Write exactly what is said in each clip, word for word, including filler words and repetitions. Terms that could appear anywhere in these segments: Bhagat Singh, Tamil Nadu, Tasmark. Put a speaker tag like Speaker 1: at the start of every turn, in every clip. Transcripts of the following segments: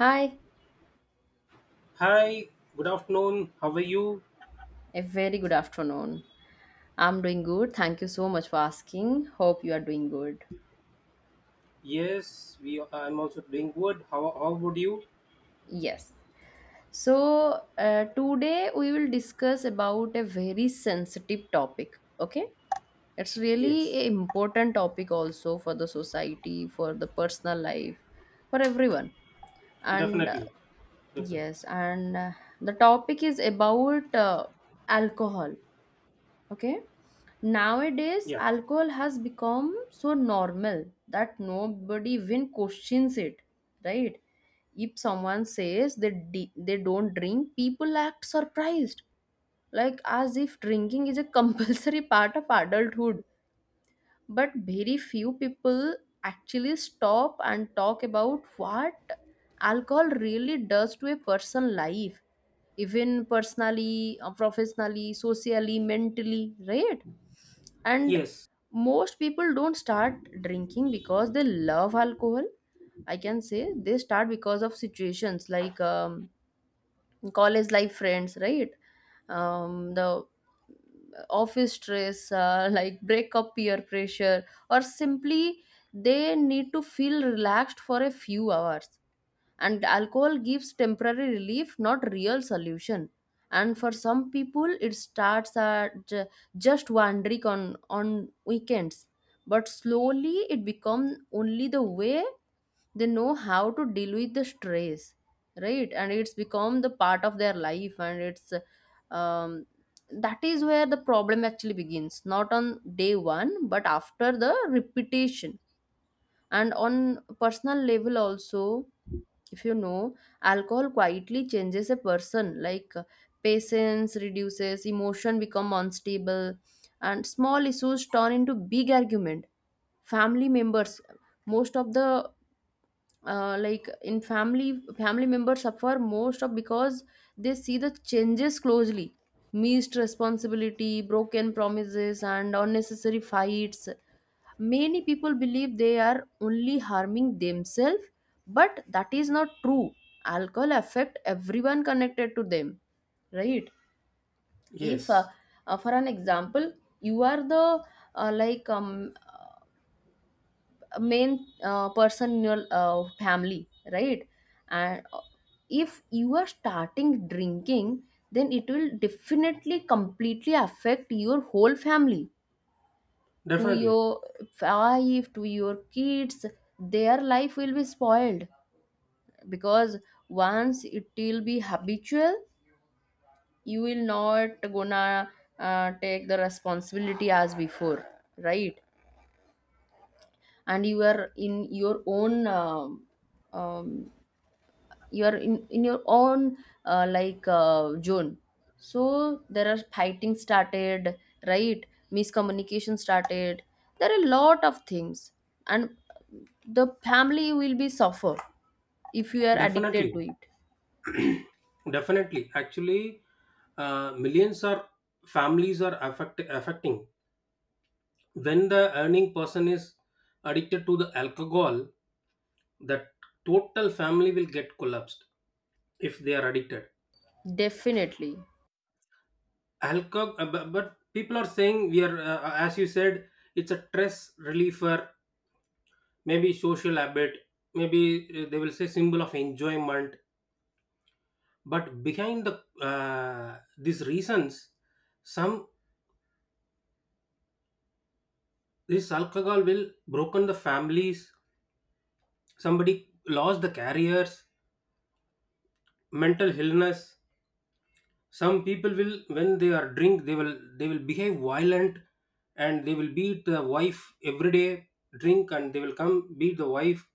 Speaker 1: Hi,
Speaker 2: Hi, good afternoon. How are you?
Speaker 1: a very good afternoon. I'm doing good. Thank you so much for asking. Hope you are doing good.
Speaker 2: Yes, we. I'm also doing good. How How would you?
Speaker 1: Yes. So, uh, Today we will discuss about a very sensitive topic, okay? It's really
Speaker 2: Yes,
Speaker 1: a important topic also for the society, for the personal life, for everyone. And uh,
Speaker 2: definitely, definitely.
Speaker 1: yes, and uh, The topic is about uh, alcohol, okay? Nowadays,
Speaker 2: Yeah.
Speaker 1: alcohol has become so normal that nobody even questions it, right? If someone says they de- they don't drink, people act surprised, like as if drinking is a compulsory part of adulthood. But very few people actually stop and talk about what alcohol really does to a person's life, even personally, uh, professionally, socially, mentally, right? And
Speaker 2: Yes.
Speaker 1: most people don't start drinking because they love alcohol. I can say they start because of situations like um, college life, friends, right? Um, the office stress, uh, like breakup, peer pressure, or simply they need to feel relaxed for a few hours, and alcohol gives temporary relief, not real solution. And for some people it starts at uh, just one drink on on weekends, but slowly it becomes only the way they know how to deal with the stress, right? And it's become the part of their life, and it's um, that is where the problem actually begins, not on day one but after the repetition. And on personal level also, if you know, alcohol quietly changes a person, like uh, patience reduces, emotion become unstable, and small issues turn into big argument. Family members, most of the uh, like in family family members suffer most of, because they see the changes closely. Missed responsibility, broken promises, and unnecessary fights. Many people believe they are only harming themselves, but that is not true. Alcohol affect everyone connected to them, right? If, uh,
Speaker 2: Yes.
Speaker 1: uh, For an example, you are the uh, like um, main uh, person in your uh, family, right? And uh, If you are starting drinking, then it will definitely completely affect your whole family, to
Speaker 2: Definitely.
Speaker 1: your wife, to your kids. Their life will be spoiled because once it will be habitual, you will not gonna uh, take the responsibility as before, right? And you are in your own um, um, you are in, in your own uh, like uh, zone, so there are fighting started, right? Miscommunication started, there are a lot of things, and the family will be suffer if you are addicted to
Speaker 2: Definitely.
Speaker 1: it.
Speaker 2: Definitely. Actually, uh, millions are families are affect, affecting when the earning person is addicted to the alcohol. That total family will get collapsed if they are addicted.
Speaker 1: Definitely.
Speaker 2: Alcohol, uh, but, but people are saying we are uh, uh, as you said, it's a stress reliever, maybe social habit, maybe uh, they will say symbol of enjoyment. But behind the uh, these reasons, some, this alcohol will broken the families, somebody lost the careers, mental illness. Some people will, when they are drink, they will, they will behave violent, and they will beat the wife every day. Drink and they will come beat the wife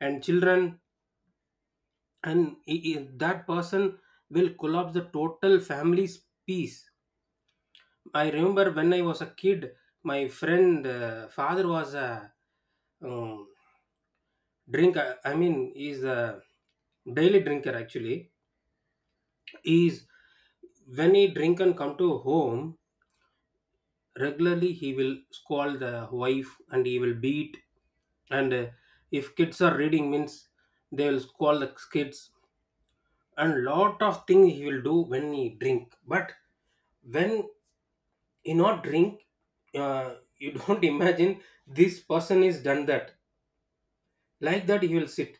Speaker 2: and children. And i- i- that person will collapse the total family's peace. I remember when I was a kid, my friend uh, father was a um, drinker. I mean, he's a daily drinker actually. He's, when he drink and come to home, regularly he will scold the wife and he will beat. And uh, if kids are reading means, they will scold the kids, and lot of things he will do when he drink. But when he not drink, uh, you don't imagine this person is done that. Like that he will sit.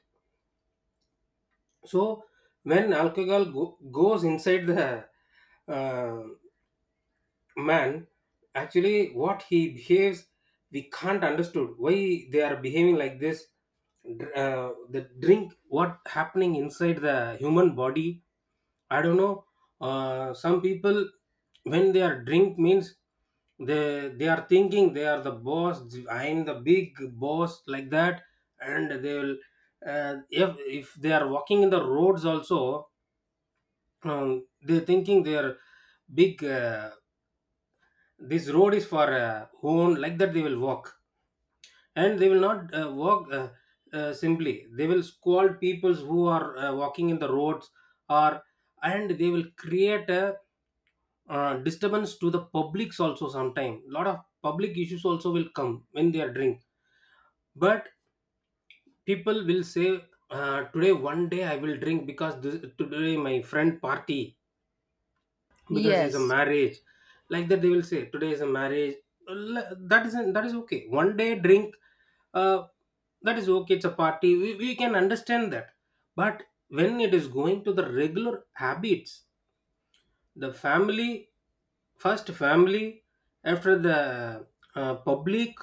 Speaker 2: So when alcohol go- goes inside the uh, man, actually what he behaves, we can't understood why they are behaving like this. Dr- uh, the drink what happening inside the human body, I don't know. Uh, some people, when they are drink means, they they are thinking they are the boss. I am the big boss like that, and they will. Uh, if if they are walking in the roads also, um, they thinking they are big. Uh, this road is for uh, own like that. They will walk and they will not uh, walk uh, uh, simply. They will scold peoples who are uh, walking in the roads or, and they will create a uh, disturbance to the publics also. Sometime lot of public issues also will come when they are drink. But people will say, uh, today one day I will drink because this, today my friend party, because it's a
Speaker 1: Yes,
Speaker 2: marriage. Like that they will say today is a marriage. L- that isn't, that is okay, one day drink. uh, that is okay, it's a party, we, we can understand that. But when it is going to the regular habits, the family, first family, after the uh, public.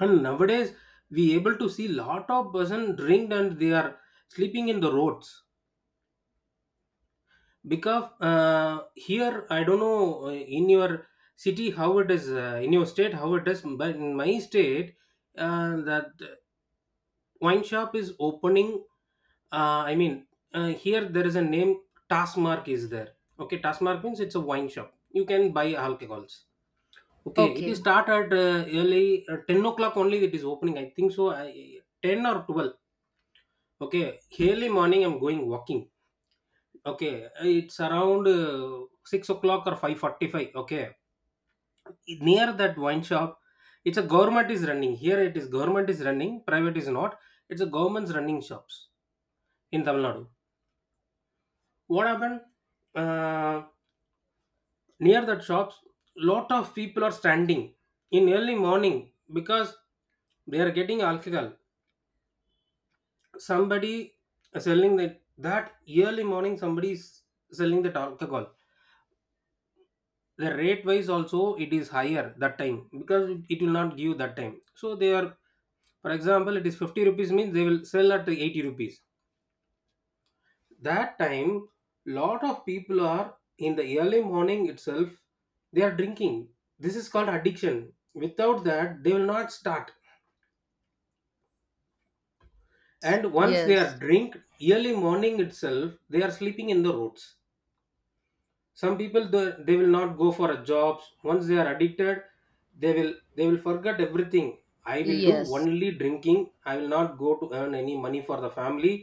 Speaker 2: And nowadays we able to see lot of person drink and they are sleeping in the roads. Because uh, here I don't know, uh, in your city how it is, uh, in your state how it is. But in my state, uh, that wine shop is opening. uh, I mean, uh, here there is a name. Tasmark is there. Okay, Tasmark means it's a wine shop. You can buy alcohols. Okay, it is
Speaker 1: okay.
Speaker 2: start at uh, early uh, ten o'clock only it is opening, I think so. I, ten or twelve. Okay, early morning I'm going walking. Okay, it's around uh, six o'clock or five forty-five. Okay, near that wine shop, it's a government is running. Here it is government is running, private is not. It's a government's running shops in Tamil Nadu. What happened? Uh, Near that shops, lot of people are standing in early morning because they are getting alcohol. Somebody selling that that early morning, somebody is selling that alcohol. The rate wise also it is higher that time, because it it will not give that time. So they are, for example, it is fifty rupees means they will sell at eighty rupees that time. Lot of people are in the early morning itself, they are drinking. This is called addiction. Without that they will not start. And once they are
Speaker 1: Yes,
Speaker 2: drink early morning itself, they are sleeping in the roads. Some people th- they will not go for a jobs. Once they are addicted, they will they will forget everything. I will do
Speaker 1: yes,
Speaker 2: only drinking. I will not go to earn any money for the family.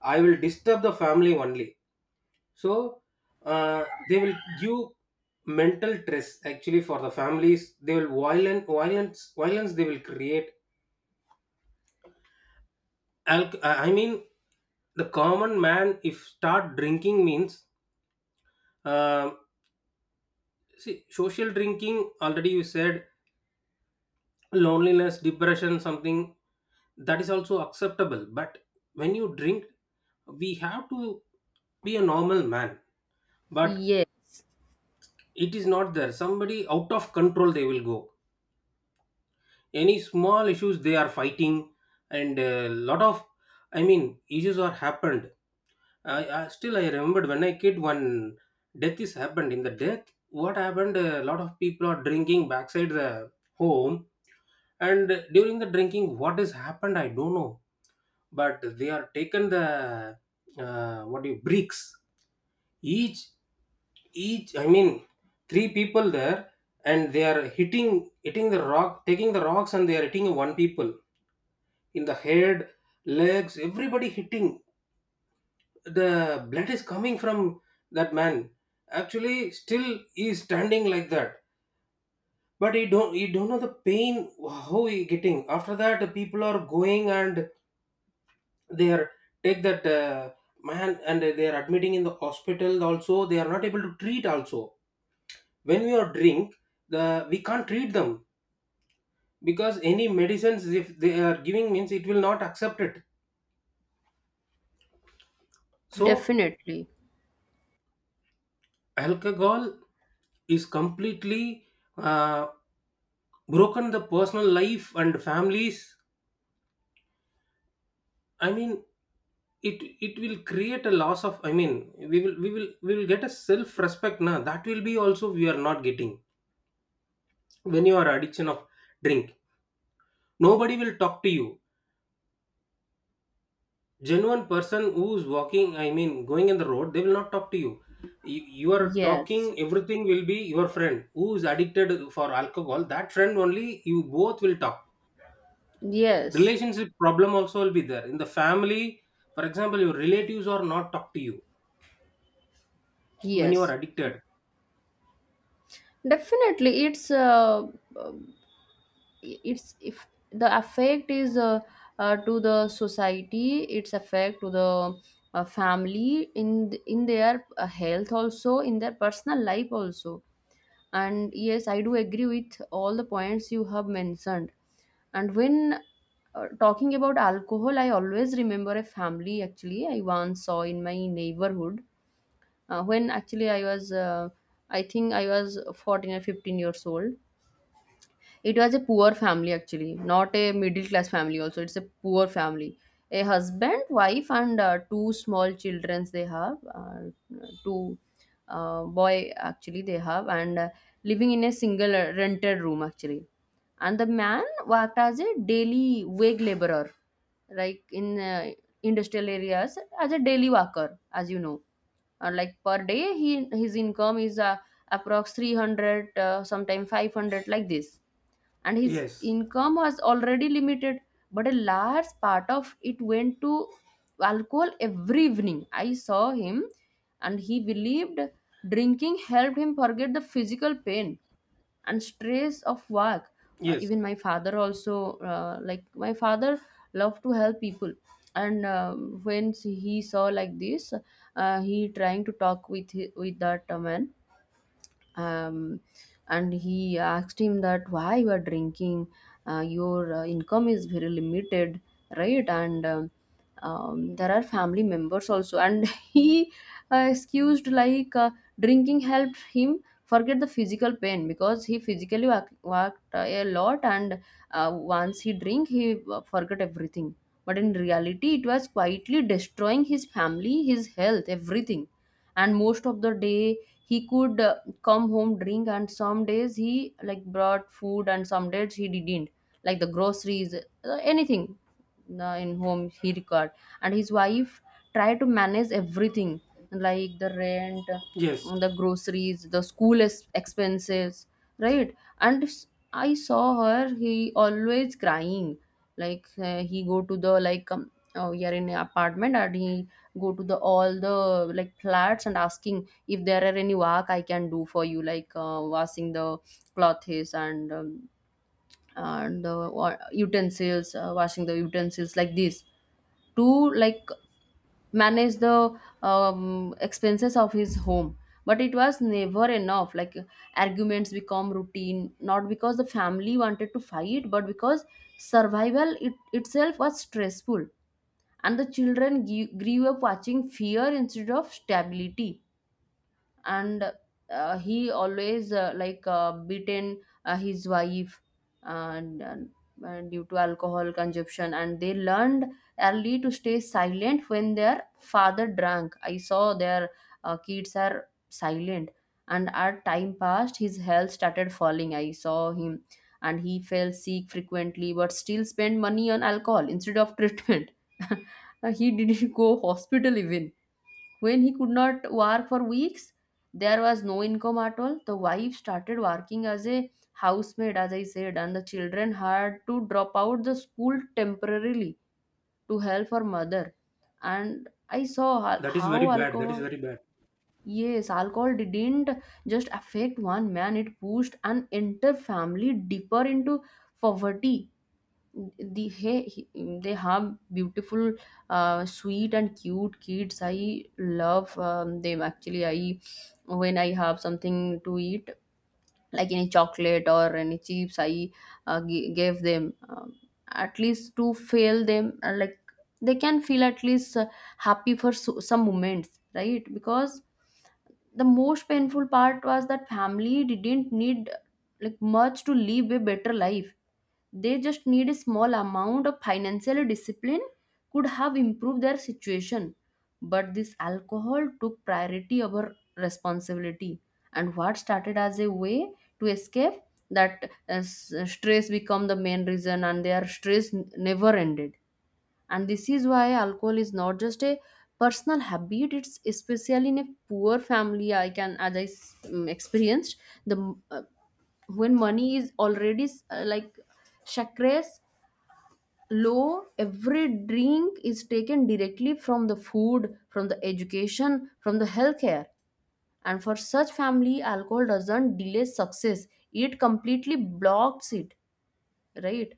Speaker 2: I will disturb the family only. So uh, they will give mental stress actually for the families. They will violent, violence violence they will create. Alc- i I mean, the common man if start drinking means, um see, social drinking, already you said, loneliness, depression, something, that is also acceptable. But when you drink, we have to be a normal man. But
Speaker 1: yes.
Speaker 2: it is not there. Somebody out of control they will go, any small issues they are fighting, and a lot of, I mean, issues are happened. I, I still I remembered when I kid, one death is happened. In the death what happened, a lot of people are drinking backside the home, and during the drinking what has happened I don't know. But they are taken the uh, what do you, bricks, each each, I mean, three people there. And they are hitting hitting the rock, taking the rocks, and they are hitting one people in the head, legs, everybody hitting. The blood is coming from that man. Actually still he is standing like that, but he don't, he don't know the pain how he getting. After that, the people are going and they are take that uh, man, and they are admitting in the hospital. Also they are not able to treat also, when we are drink, the we can't treat them, because any medicines if they are giving means, it will not accept it. So
Speaker 1: Definitely.
Speaker 2: alcohol is completely uh, broken the personal life and families. I mean, it it will create a loss of, I mean, we will we will we will get a self respect now, that will be also we are not getting when you are addiction of drink. Nobody will talk to you. Genuine person who's walking, I mean going in the road, they will not talk to you. You, you are
Speaker 1: Yes,
Speaker 2: talking everything will be your friend who's addicted for alcohol. That friend only you both will talk.
Speaker 1: yes,
Speaker 2: Relationship problem also will be there in the family. For example, your relatives are not talk to you when you are
Speaker 1: yes.
Speaker 2: addicted.
Speaker 1: Definitely, it's uh, uh, it's, if the effect is uh, uh, to the society, its effect to the uh, family, in th- in their uh, health also, in their personal life also. And yes, I do agree with all the points you have mentioned. And when uh, talking about alcohol, I always remember a family actually I once saw in my neighborhood. Uh, when actually i was uh, I think I was fourteen or fifteen years old. It was a poor family actually, not a middle class family also. It's a poor family. A husband, wife, and uh, two small children they have, uh, two uh, boy actually they have, and uh, living in a single uh, rented room actually. And the man worked as a daily wage laborer, like in uh, industrial areas as a daily worker, as you know. Uh, like per day, he his income is uh, approx three hundred, uh, sometime five hundred, like this. And his
Speaker 2: Yes.
Speaker 1: income was already limited, but a large part of it went to alcohol. Every evening I saw him, and he believed drinking helped him forget the physical pain and stress of work. Uh,
Speaker 2: Yes.
Speaker 1: even my father also, uh, like my father loved to help people. And uh, When he saw like this, uh, he trying to talk with hi- with that uh, man, um, and he asked him that why you are drinking. Uh, your uh, income is very limited, right? and um, um, There are family members also. And He uh, excused like uh, drinking helped him forget the physical pain, because he physically work, worked uh, a lot, and uh, once he drink he uh, forgot everything. But in reality it was quietly destroying his family, his health, everything. And most of the day he could uh, come home, drink, and some days he like brought food, and some days he didn't, like the groceries, uh, anything uh, in home he required. And his wife tried to manage everything, like the rent,
Speaker 2: Yes,
Speaker 1: uh, the groceries, the school es- expenses, right? And s- I saw her. He always crying, like uh, he go to the like um, oh, we are in an apartment, and he go to the all the like flats and asking if there are any work I can do for you, like uh, washing the clothes, and um, and uh, wa- utensils, uh, washing the utensils, like this to like manage the um, expenses of his home. But it was never enough. Like arguments become routine, not because the family wanted to fight, but because survival it, itself was stressful, and the children g- grew up watching fear instead of stability. And uh, he always uh, like uh, beaten uh, his wife, and, and uh, due to alcohol consumption, and they learned early to stay silent when their father drank. I saw their uh, kids are silent. And as time passed, his health started falling. I saw him, and he fell sick frequently, but still spent money on alcohol instead of treatment. He didn't go hospital even. When he could not work for weeks, there was no income at all. The wife started working as a housemaid, as I said, and the children had to drop out the school temporarily to help her mother. And I saw ho-
Speaker 2: that is very
Speaker 1: how
Speaker 2: bad, that is
Speaker 1: alcohol,
Speaker 2: very bad.
Speaker 1: yes, alcohol didn't just affect one man, it pushed an entire family deeper into poverty. The hey, they have beautiful uh, sweet and cute kids. I love um, them actually. I, when I have something to eat, like any chocolate or any chips, I uh, g- gave them, um, at least to fail them, uh, like they can feel at least uh, happy for so- some moments, right? Because the most painful part was that family didn't need like much to live a better life. They just need a small amount of financial discipline could have improved their situation, but this alcohol took priority over responsibility. And what started as a way to escape that uh, s- stress become the main reason, and their stress n- never ended. And this is why alcohol is not just a personal habit. It's especially in a poor family, I can, as I s- um, experienced, the uh, when money is already uh, like chakras low, every drink is taken directly from the food, from the education, from the healthcare. And for such family, alcohol doesn't delay success, it completely blocks it, right?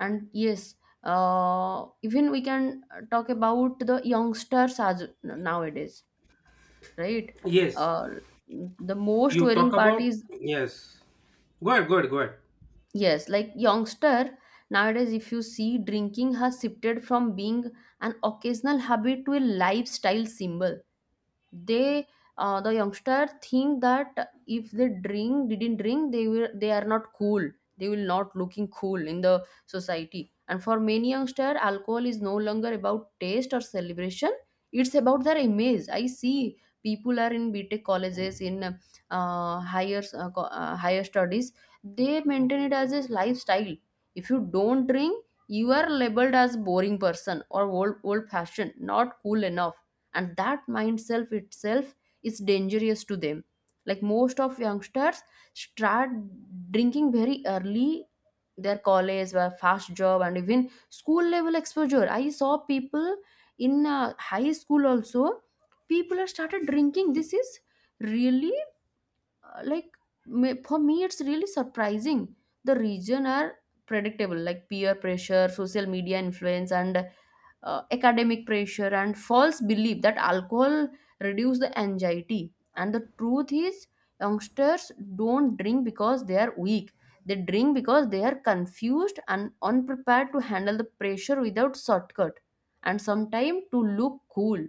Speaker 1: And yes, uh, even we can uh, talk about the youngsters as nowadays, right?
Speaker 2: Yes,
Speaker 1: uh, the most
Speaker 2: you
Speaker 1: worrying
Speaker 2: talk
Speaker 1: part
Speaker 2: about,
Speaker 1: is,
Speaker 2: yes, go ahead go ahead go ahead.
Speaker 1: yes, like youngster nowadays, if you see, drinking has shifted from being an occasional habit to a lifestyle symbol. They, uh, the youngster think that if they drink didn't drink, they will they are not cool, they will not looking cool in the society. And for many youngster, alcohol is no longer about taste or celebration, it's about their image. I see people are in btech colleges, in uh, higher uh, co- uh, higher studies, they maintain it as a lifestyle. If you don't drink, you are labeled as boring person or old old fashioned, not cool enough. And that mindset itself is dangerous to them. Like most of youngsters start drinking very early, their college, their fast job, and even school level exposure. I saw people in uh, high school also, people are started drinking. This is really uh, like me- for me, it's really surprising. The region are predictable, like peer pressure, social media influence, and uh, academic pressure, and false belief that alcohol reduce the anxiety. And the truth is, youngsters don't drink because they are weak, they drink because they are confused and unprepared to handle the pressure without shortcut, and sometimes to look cool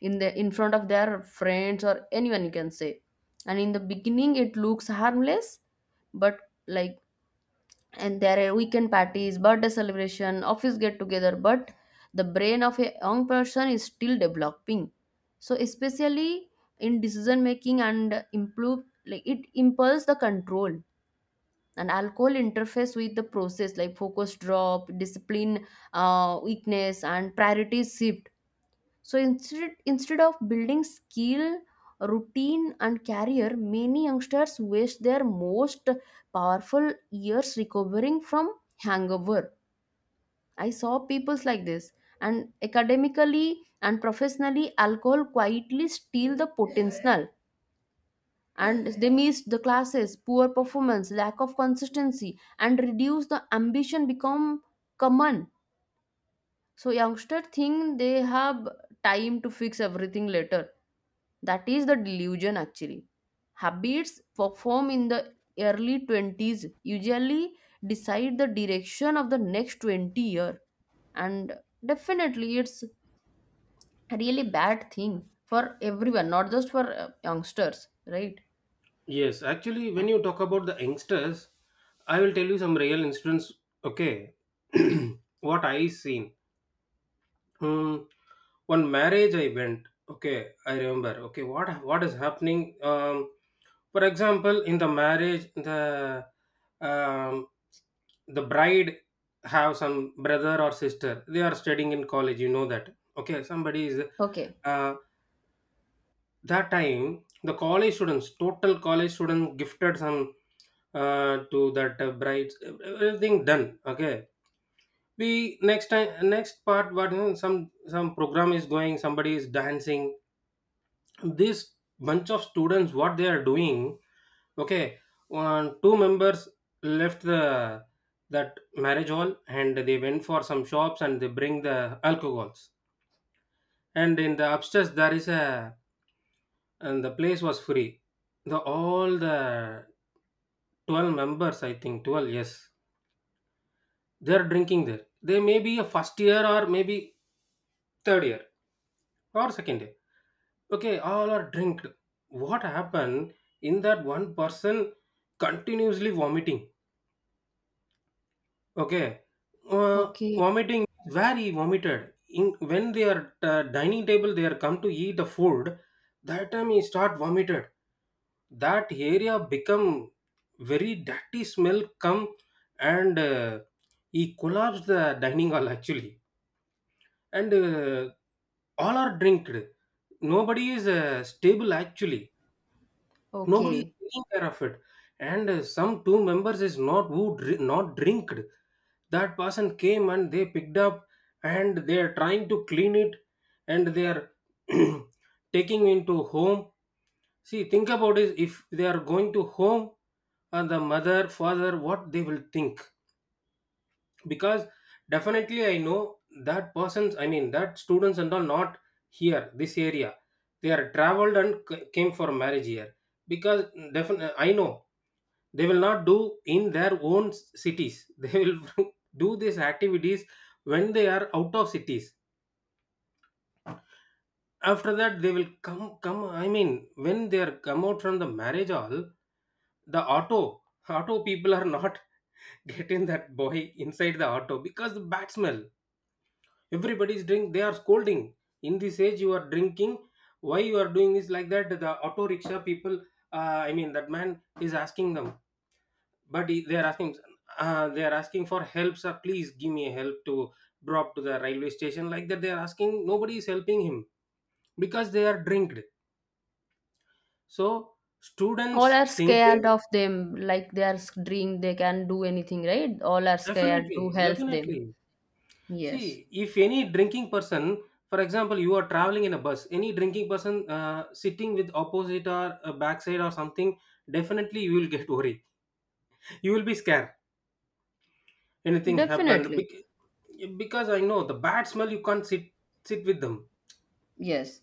Speaker 1: in the, in front of their friends or anyone, you can say. And in the beginning it looks harmless, but like, and there are weekend parties, birthday celebration, office get together. But the brain of a young person is still developing, so especially in decision making and improve, like it impulse the control. And alcohol interface with the process, like focus drop, discipline, uh, weakness and priorities shift. So instead, instead of building skill, routine, and career, many youngsters waste their most powerful years recovering from hangover. I saw peoples like this, and academically and professionally, alcohol quietly steal the potential, and they miss the classes, poor performance, lack of consistency, and reduce the ambition become common. So youngster think they have time to fix everything later. That is the delusion actually. Habits performed in the early twenties usually decide the direction of the next twenty year, and definitely it's a really bad thing for everyone, not just for uh, youngsters, right?
Speaker 2: Yes, actually, when you talk about the youngsters, I will tell you some real incidents. Okay, what I seen. Hmm. One marriage I went. Okay, I remember. Okay, what what is happening? Um, for example, in the marriage, the um, the bride have some brother or sister. They are studying in college. You know that. Okay, somebody is.
Speaker 1: Okay.
Speaker 2: Uh, that time the college students, total college students gifted some uh, to that uh, brides. Everything done, okay. We next time, next part what you know, some some program is going, somebody is dancing. This bunch of students, what they are doing? Okay, one two members left the, that marriage hall, and they went for some shops and they bring the alcohols. And in the upstairs there is a, and the place was free. The all the twelve members, I think twelve, yes, they're drinking there. They may be a first year, or maybe third year or second year. Okay, all are drinked. What happened? In that, one person continuously vomiting. Okay. Uh,
Speaker 1: Okay.
Speaker 2: Vomiting, where he vomited. In when they are uh, dining table, they are come to eat the food. That time he start vomited. That area become very dirty, smell come. And uh, he collapsed the dining hall actually. And uh, all are drinked. Nobody is uh, stable actually, nobody is
Speaker 1: Okay,
Speaker 2: taking care of it. And uh, some two members is not who dri- not drinked. That person came and they picked up and they are trying to clean it, and they are taking into home. See, think about it, if they are going to home and the mother father what they will think, because definitely I know that persons, I mean that students and all, not here this area. They are traveled and c- came for marriage here, because definitely I know they will not do in their own s- cities they will do these activities when they are out of cities. After that they will come come I mean, when they are come out from the marriage hall, the auto auto people are not getting that boy inside the auto because the bad smell. Everybody is drink, they are scolding, in this age you are drinking, why you are doing this, like that the auto rickshaw people, uh, I mean that man is asking them. But he- they are asking, uh, they are asking for help, sir please give me a help to drop to the railway station, like that they are asking. Nobody is helping him because they are drinked. So
Speaker 1: all
Speaker 2: students
Speaker 1: are
Speaker 2: thinking,
Speaker 1: scared of them, like they are dream they can do anything, right? All are scared to
Speaker 2: definitely,
Speaker 1: help them.
Speaker 2: definitely.
Speaker 1: Yes,
Speaker 2: See, if any drinking person, for example, you are traveling in a bus, any drinking person uh, sitting with opposite or uh, backside or something, definitely you will get worried. You will be scared. Anything happened.
Speaker 1: definitely.
Speaker 2: Bec- because I know the bad smell. You can't sit sit with them.
Speaker 1: Yes.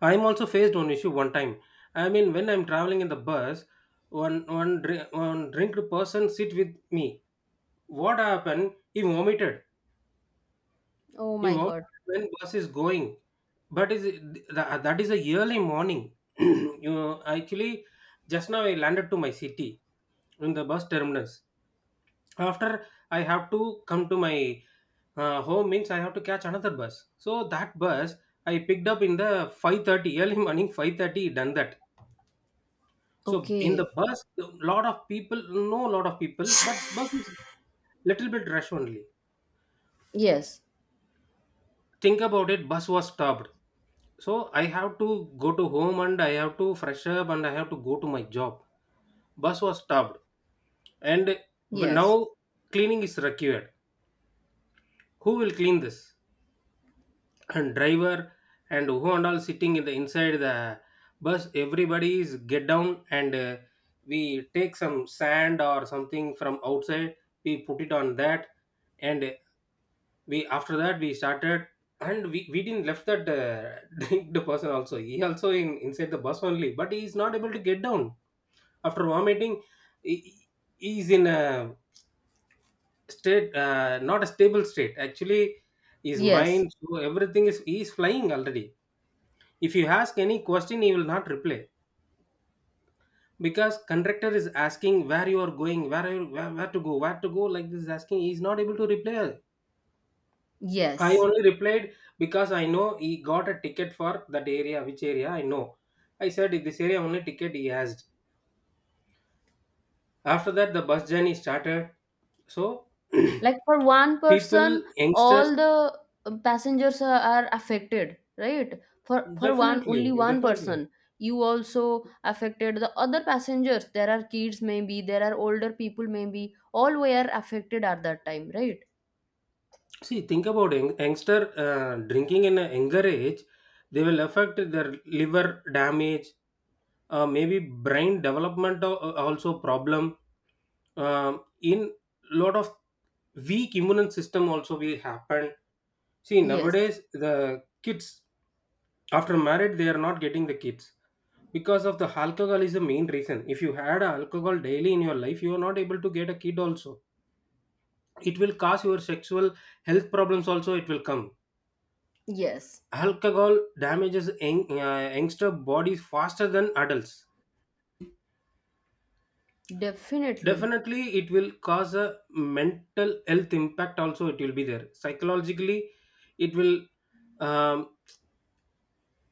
Speaker 2: I'm also faced one issue one time. I mean, when I'm traveling in the bus, one one dri- one drinked person sit with me. What happened? He vomited.
Speaker 1: Oh
Speaker 2: He
Speaker 1: my
Speaker 2: vomits
Speaker 1: God.
Speaker 2: when bus is going, but is it- th- that is a yearly morning. You know, actually, just now I landed to my city in the bus terminus. After I have to come to my uh, home means I have to catch another bus. So that bus I picked up in the five thirty, early morning five thirty done that. So in the
Speaker 1: Okay.
Speaker 2: bus, lot of people, no lot of people, but bus is little bit rush only.
Speaker 1: Yes.
Speaker 2: Think about it, bus was stopped. So, I have to go to home and I have to fresh up and I have to go to my job. Bus was stopped and
Speaker 1: Yes.
Speaker 2: now cleaning is required. Who will clean this? And driver and who and all sitting in the inside the bus. Everybody is get down and uh, we take some sand or something from outside. We put it on that, and we after that we started, and we, we didn't left that uh, drink the person also, he also in inside the bus only but he is not able to get down after vomiting. he, he is in a state, uh, not a stable state actually. His
Speaker 1: Yes.
Speaker 2: mind so everything is, he is flying already. If you ask any question he will not reply, because conductor is asking where you are going, where, are you, where where to go where to go, like this is asking, he is not able to reply. I
Speaker 1: Yes.
Speaker 2: only replied because I know he got a ticket for that area, which area I know. I said this area only ticket he asked. After that, the bus journey started. So,
Speaker 1: Like for one
Speaker 2: people,
Speaker 1: person,
Speaker 2: youngsters,
Speaker 1: all the uh, passengers are, are affected, right? For for one only
Speaker 2: definitely,
Speaker 1: one
Speaker 2: definitely.
Speaker 1: person, you also affected the other passengers. There are kids maybe, there are older people maybe. All were affected at that time, right?
Speaker 2: See, think about young- youngster uh, drinking in a younger age, they will affect their liver damage, uh, maybe brain development al- uh, also problem. Um, in lot of weak immune system also will happen. See,
Speaker 1: Yes.
Speaker 2: nowadays the kids after marriage they are not getting the kids because of the alcohol is the main reason. If you had alcohol daily in your life, you are not able to get a kid also. It will cause your sexual health problems also. It will come.
Speaker 1: Yes.
Speaker 2: Alcohol damages young, uh, youngster bodies faster than adults.
Speaker 1: Definitely.
Speaker 2: Definitely, it will cause a mental health impact also. It will be there psychologically. It will um,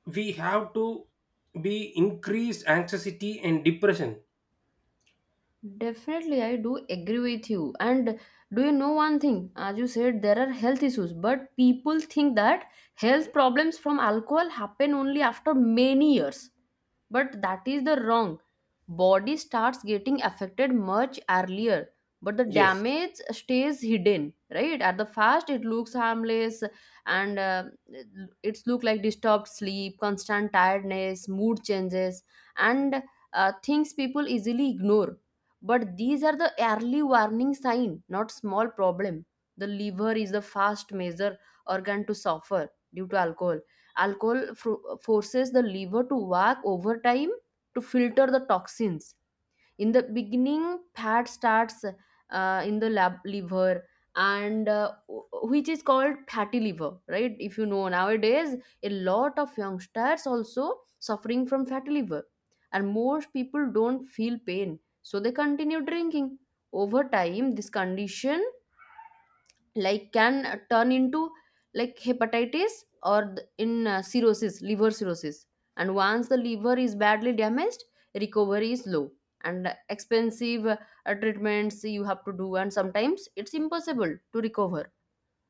Speaker 2: we have to be increased anxiety and depression.
Speaker 1: Definitely, I do agree with you. And do you know one thing? As you said, there are health issues, but people think that health problems from alcohol happen only after many years, but that is the wrong. Body starts getting affected much earlier, but the
Speaker 2: Yes.
Speaker 1: damage stays hidden, right? At the first it looks harmless, and uh, it's look like disturbed sleep, constant tiredness, mood changes, and uh, things people easily ignore. But these are the early warning sign, not small problem. The liver is the fast major organ to suffer due to alcohol. Alcohol fro- forces the liver to work overtime to filter the toxins. In the beginning, fat starts uh, in the lab- liver, and uh, wh- which is called fatty liver, right? If you know, nowadays a lot of youngsters also suffering from fatty liver, and most people don't feel pain, so they continue drinking. Over time this condition like can uh, turn into like hepatitis or th- in uh, cirrhosis, liver cirrhosis. And once the liver is badly damaged, recovery is low and expensive. Uh, treatments you have to do, and sometimes it's impossible to recover.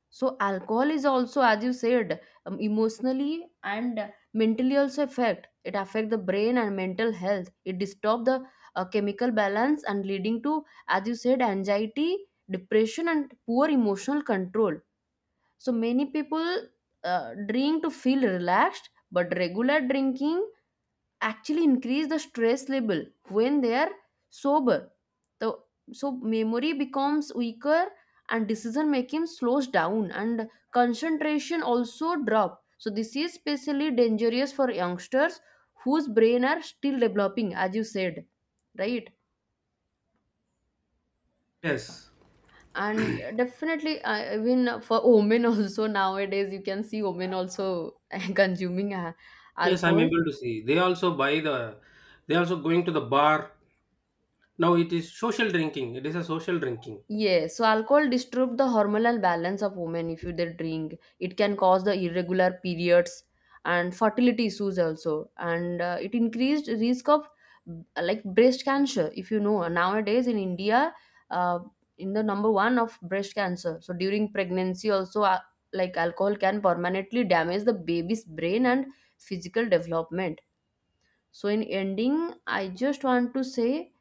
Speaker 1: So alcohol is also, as you said, um, emotionally and mentally also affect. It affect the brain and mental health. It disturb the uh, chemical balance and leading to, as you said, anxiety, depression, and poor emotional control. So many people uh, drink to feel relaxed, but regular drinking actually increase the stress level when they are sober. the, so memory becomes weaker and decision making slows down and concentration also drop, so this is especially dangerous for youngsters whose brain are still developing, as you said, right?
Speaker 2: Yes,
Speaker 1: And definitely uh, even for women also nowadays you can see women also consuming uh,
Speaker 2: yes, I'm
Speaker 1: alcohol.
Speaker 2: able to see they also buy the, they also going to the bar. Now it is social drinking, it is a social drinking.
Speaker 1: Yes, so alcohol disturb the hormonal balance of women if you they drink. It can cause the irregular periods and fertility issues also, and uh, it increased risk of uh, like breast cancer. If you know nowadays in India, uh, in the number one of breast cancer. So during pregnancy also, uh, like alcohol can permanently damage the baby's brain and physical development. So in ending, I just want to say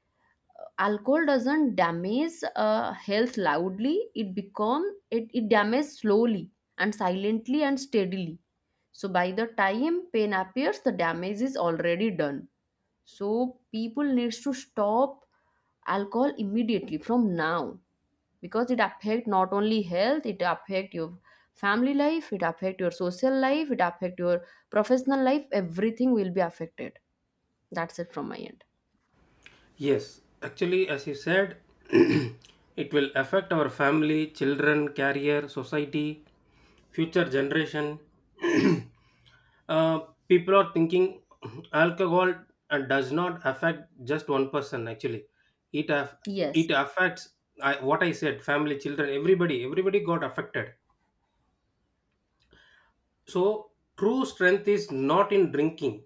Speaker 1: alcohol doesn't damage uh, health loudly. It become, it, it damages slowly and silently and steadily. So by the time pain appears, the damage is already done. So people needs to stop alcohol immediately from now, because it affect not only health, it affect your family life, it affect your social life, it affect your professional life, everything will be affected. That's it from my end.
Speaker 2: Yes, actually as you said, it will affect our family, children, career, society, future generation. Uh, people are thinking alcohol uh, does not affect just one person. Actually, it aff-
Speaker 1: Yes.
Speaker 2: it affects, I, what I said: family, children, everybody. Everybody got affected. So true strength is not in drinking,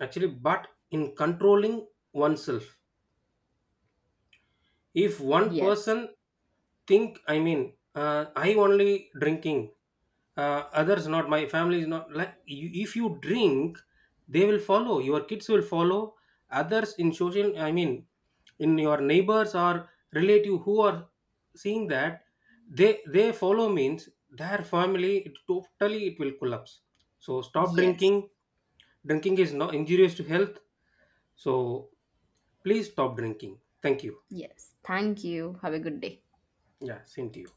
Speaker 2: actually, but in controlling oneself. If one
Speaker 1: Yes.
Speaker 2: person think, I mean uh, I only drinking, uh, others not, my family is not, like you, if you drink they will follow, your kids will follow, others in social I mean in your neighbors or relative who are seeing that, they they follow means their family, it totally, it will collapse. So stop
Speaker 1: Yes.
Speaker 2: drinking. Drinking is not injurious to health. So please stop drinking. Thank you.
Speaker 1: Yes. Thank you. Have a good day.
Speaker 2: Yeah, same to you.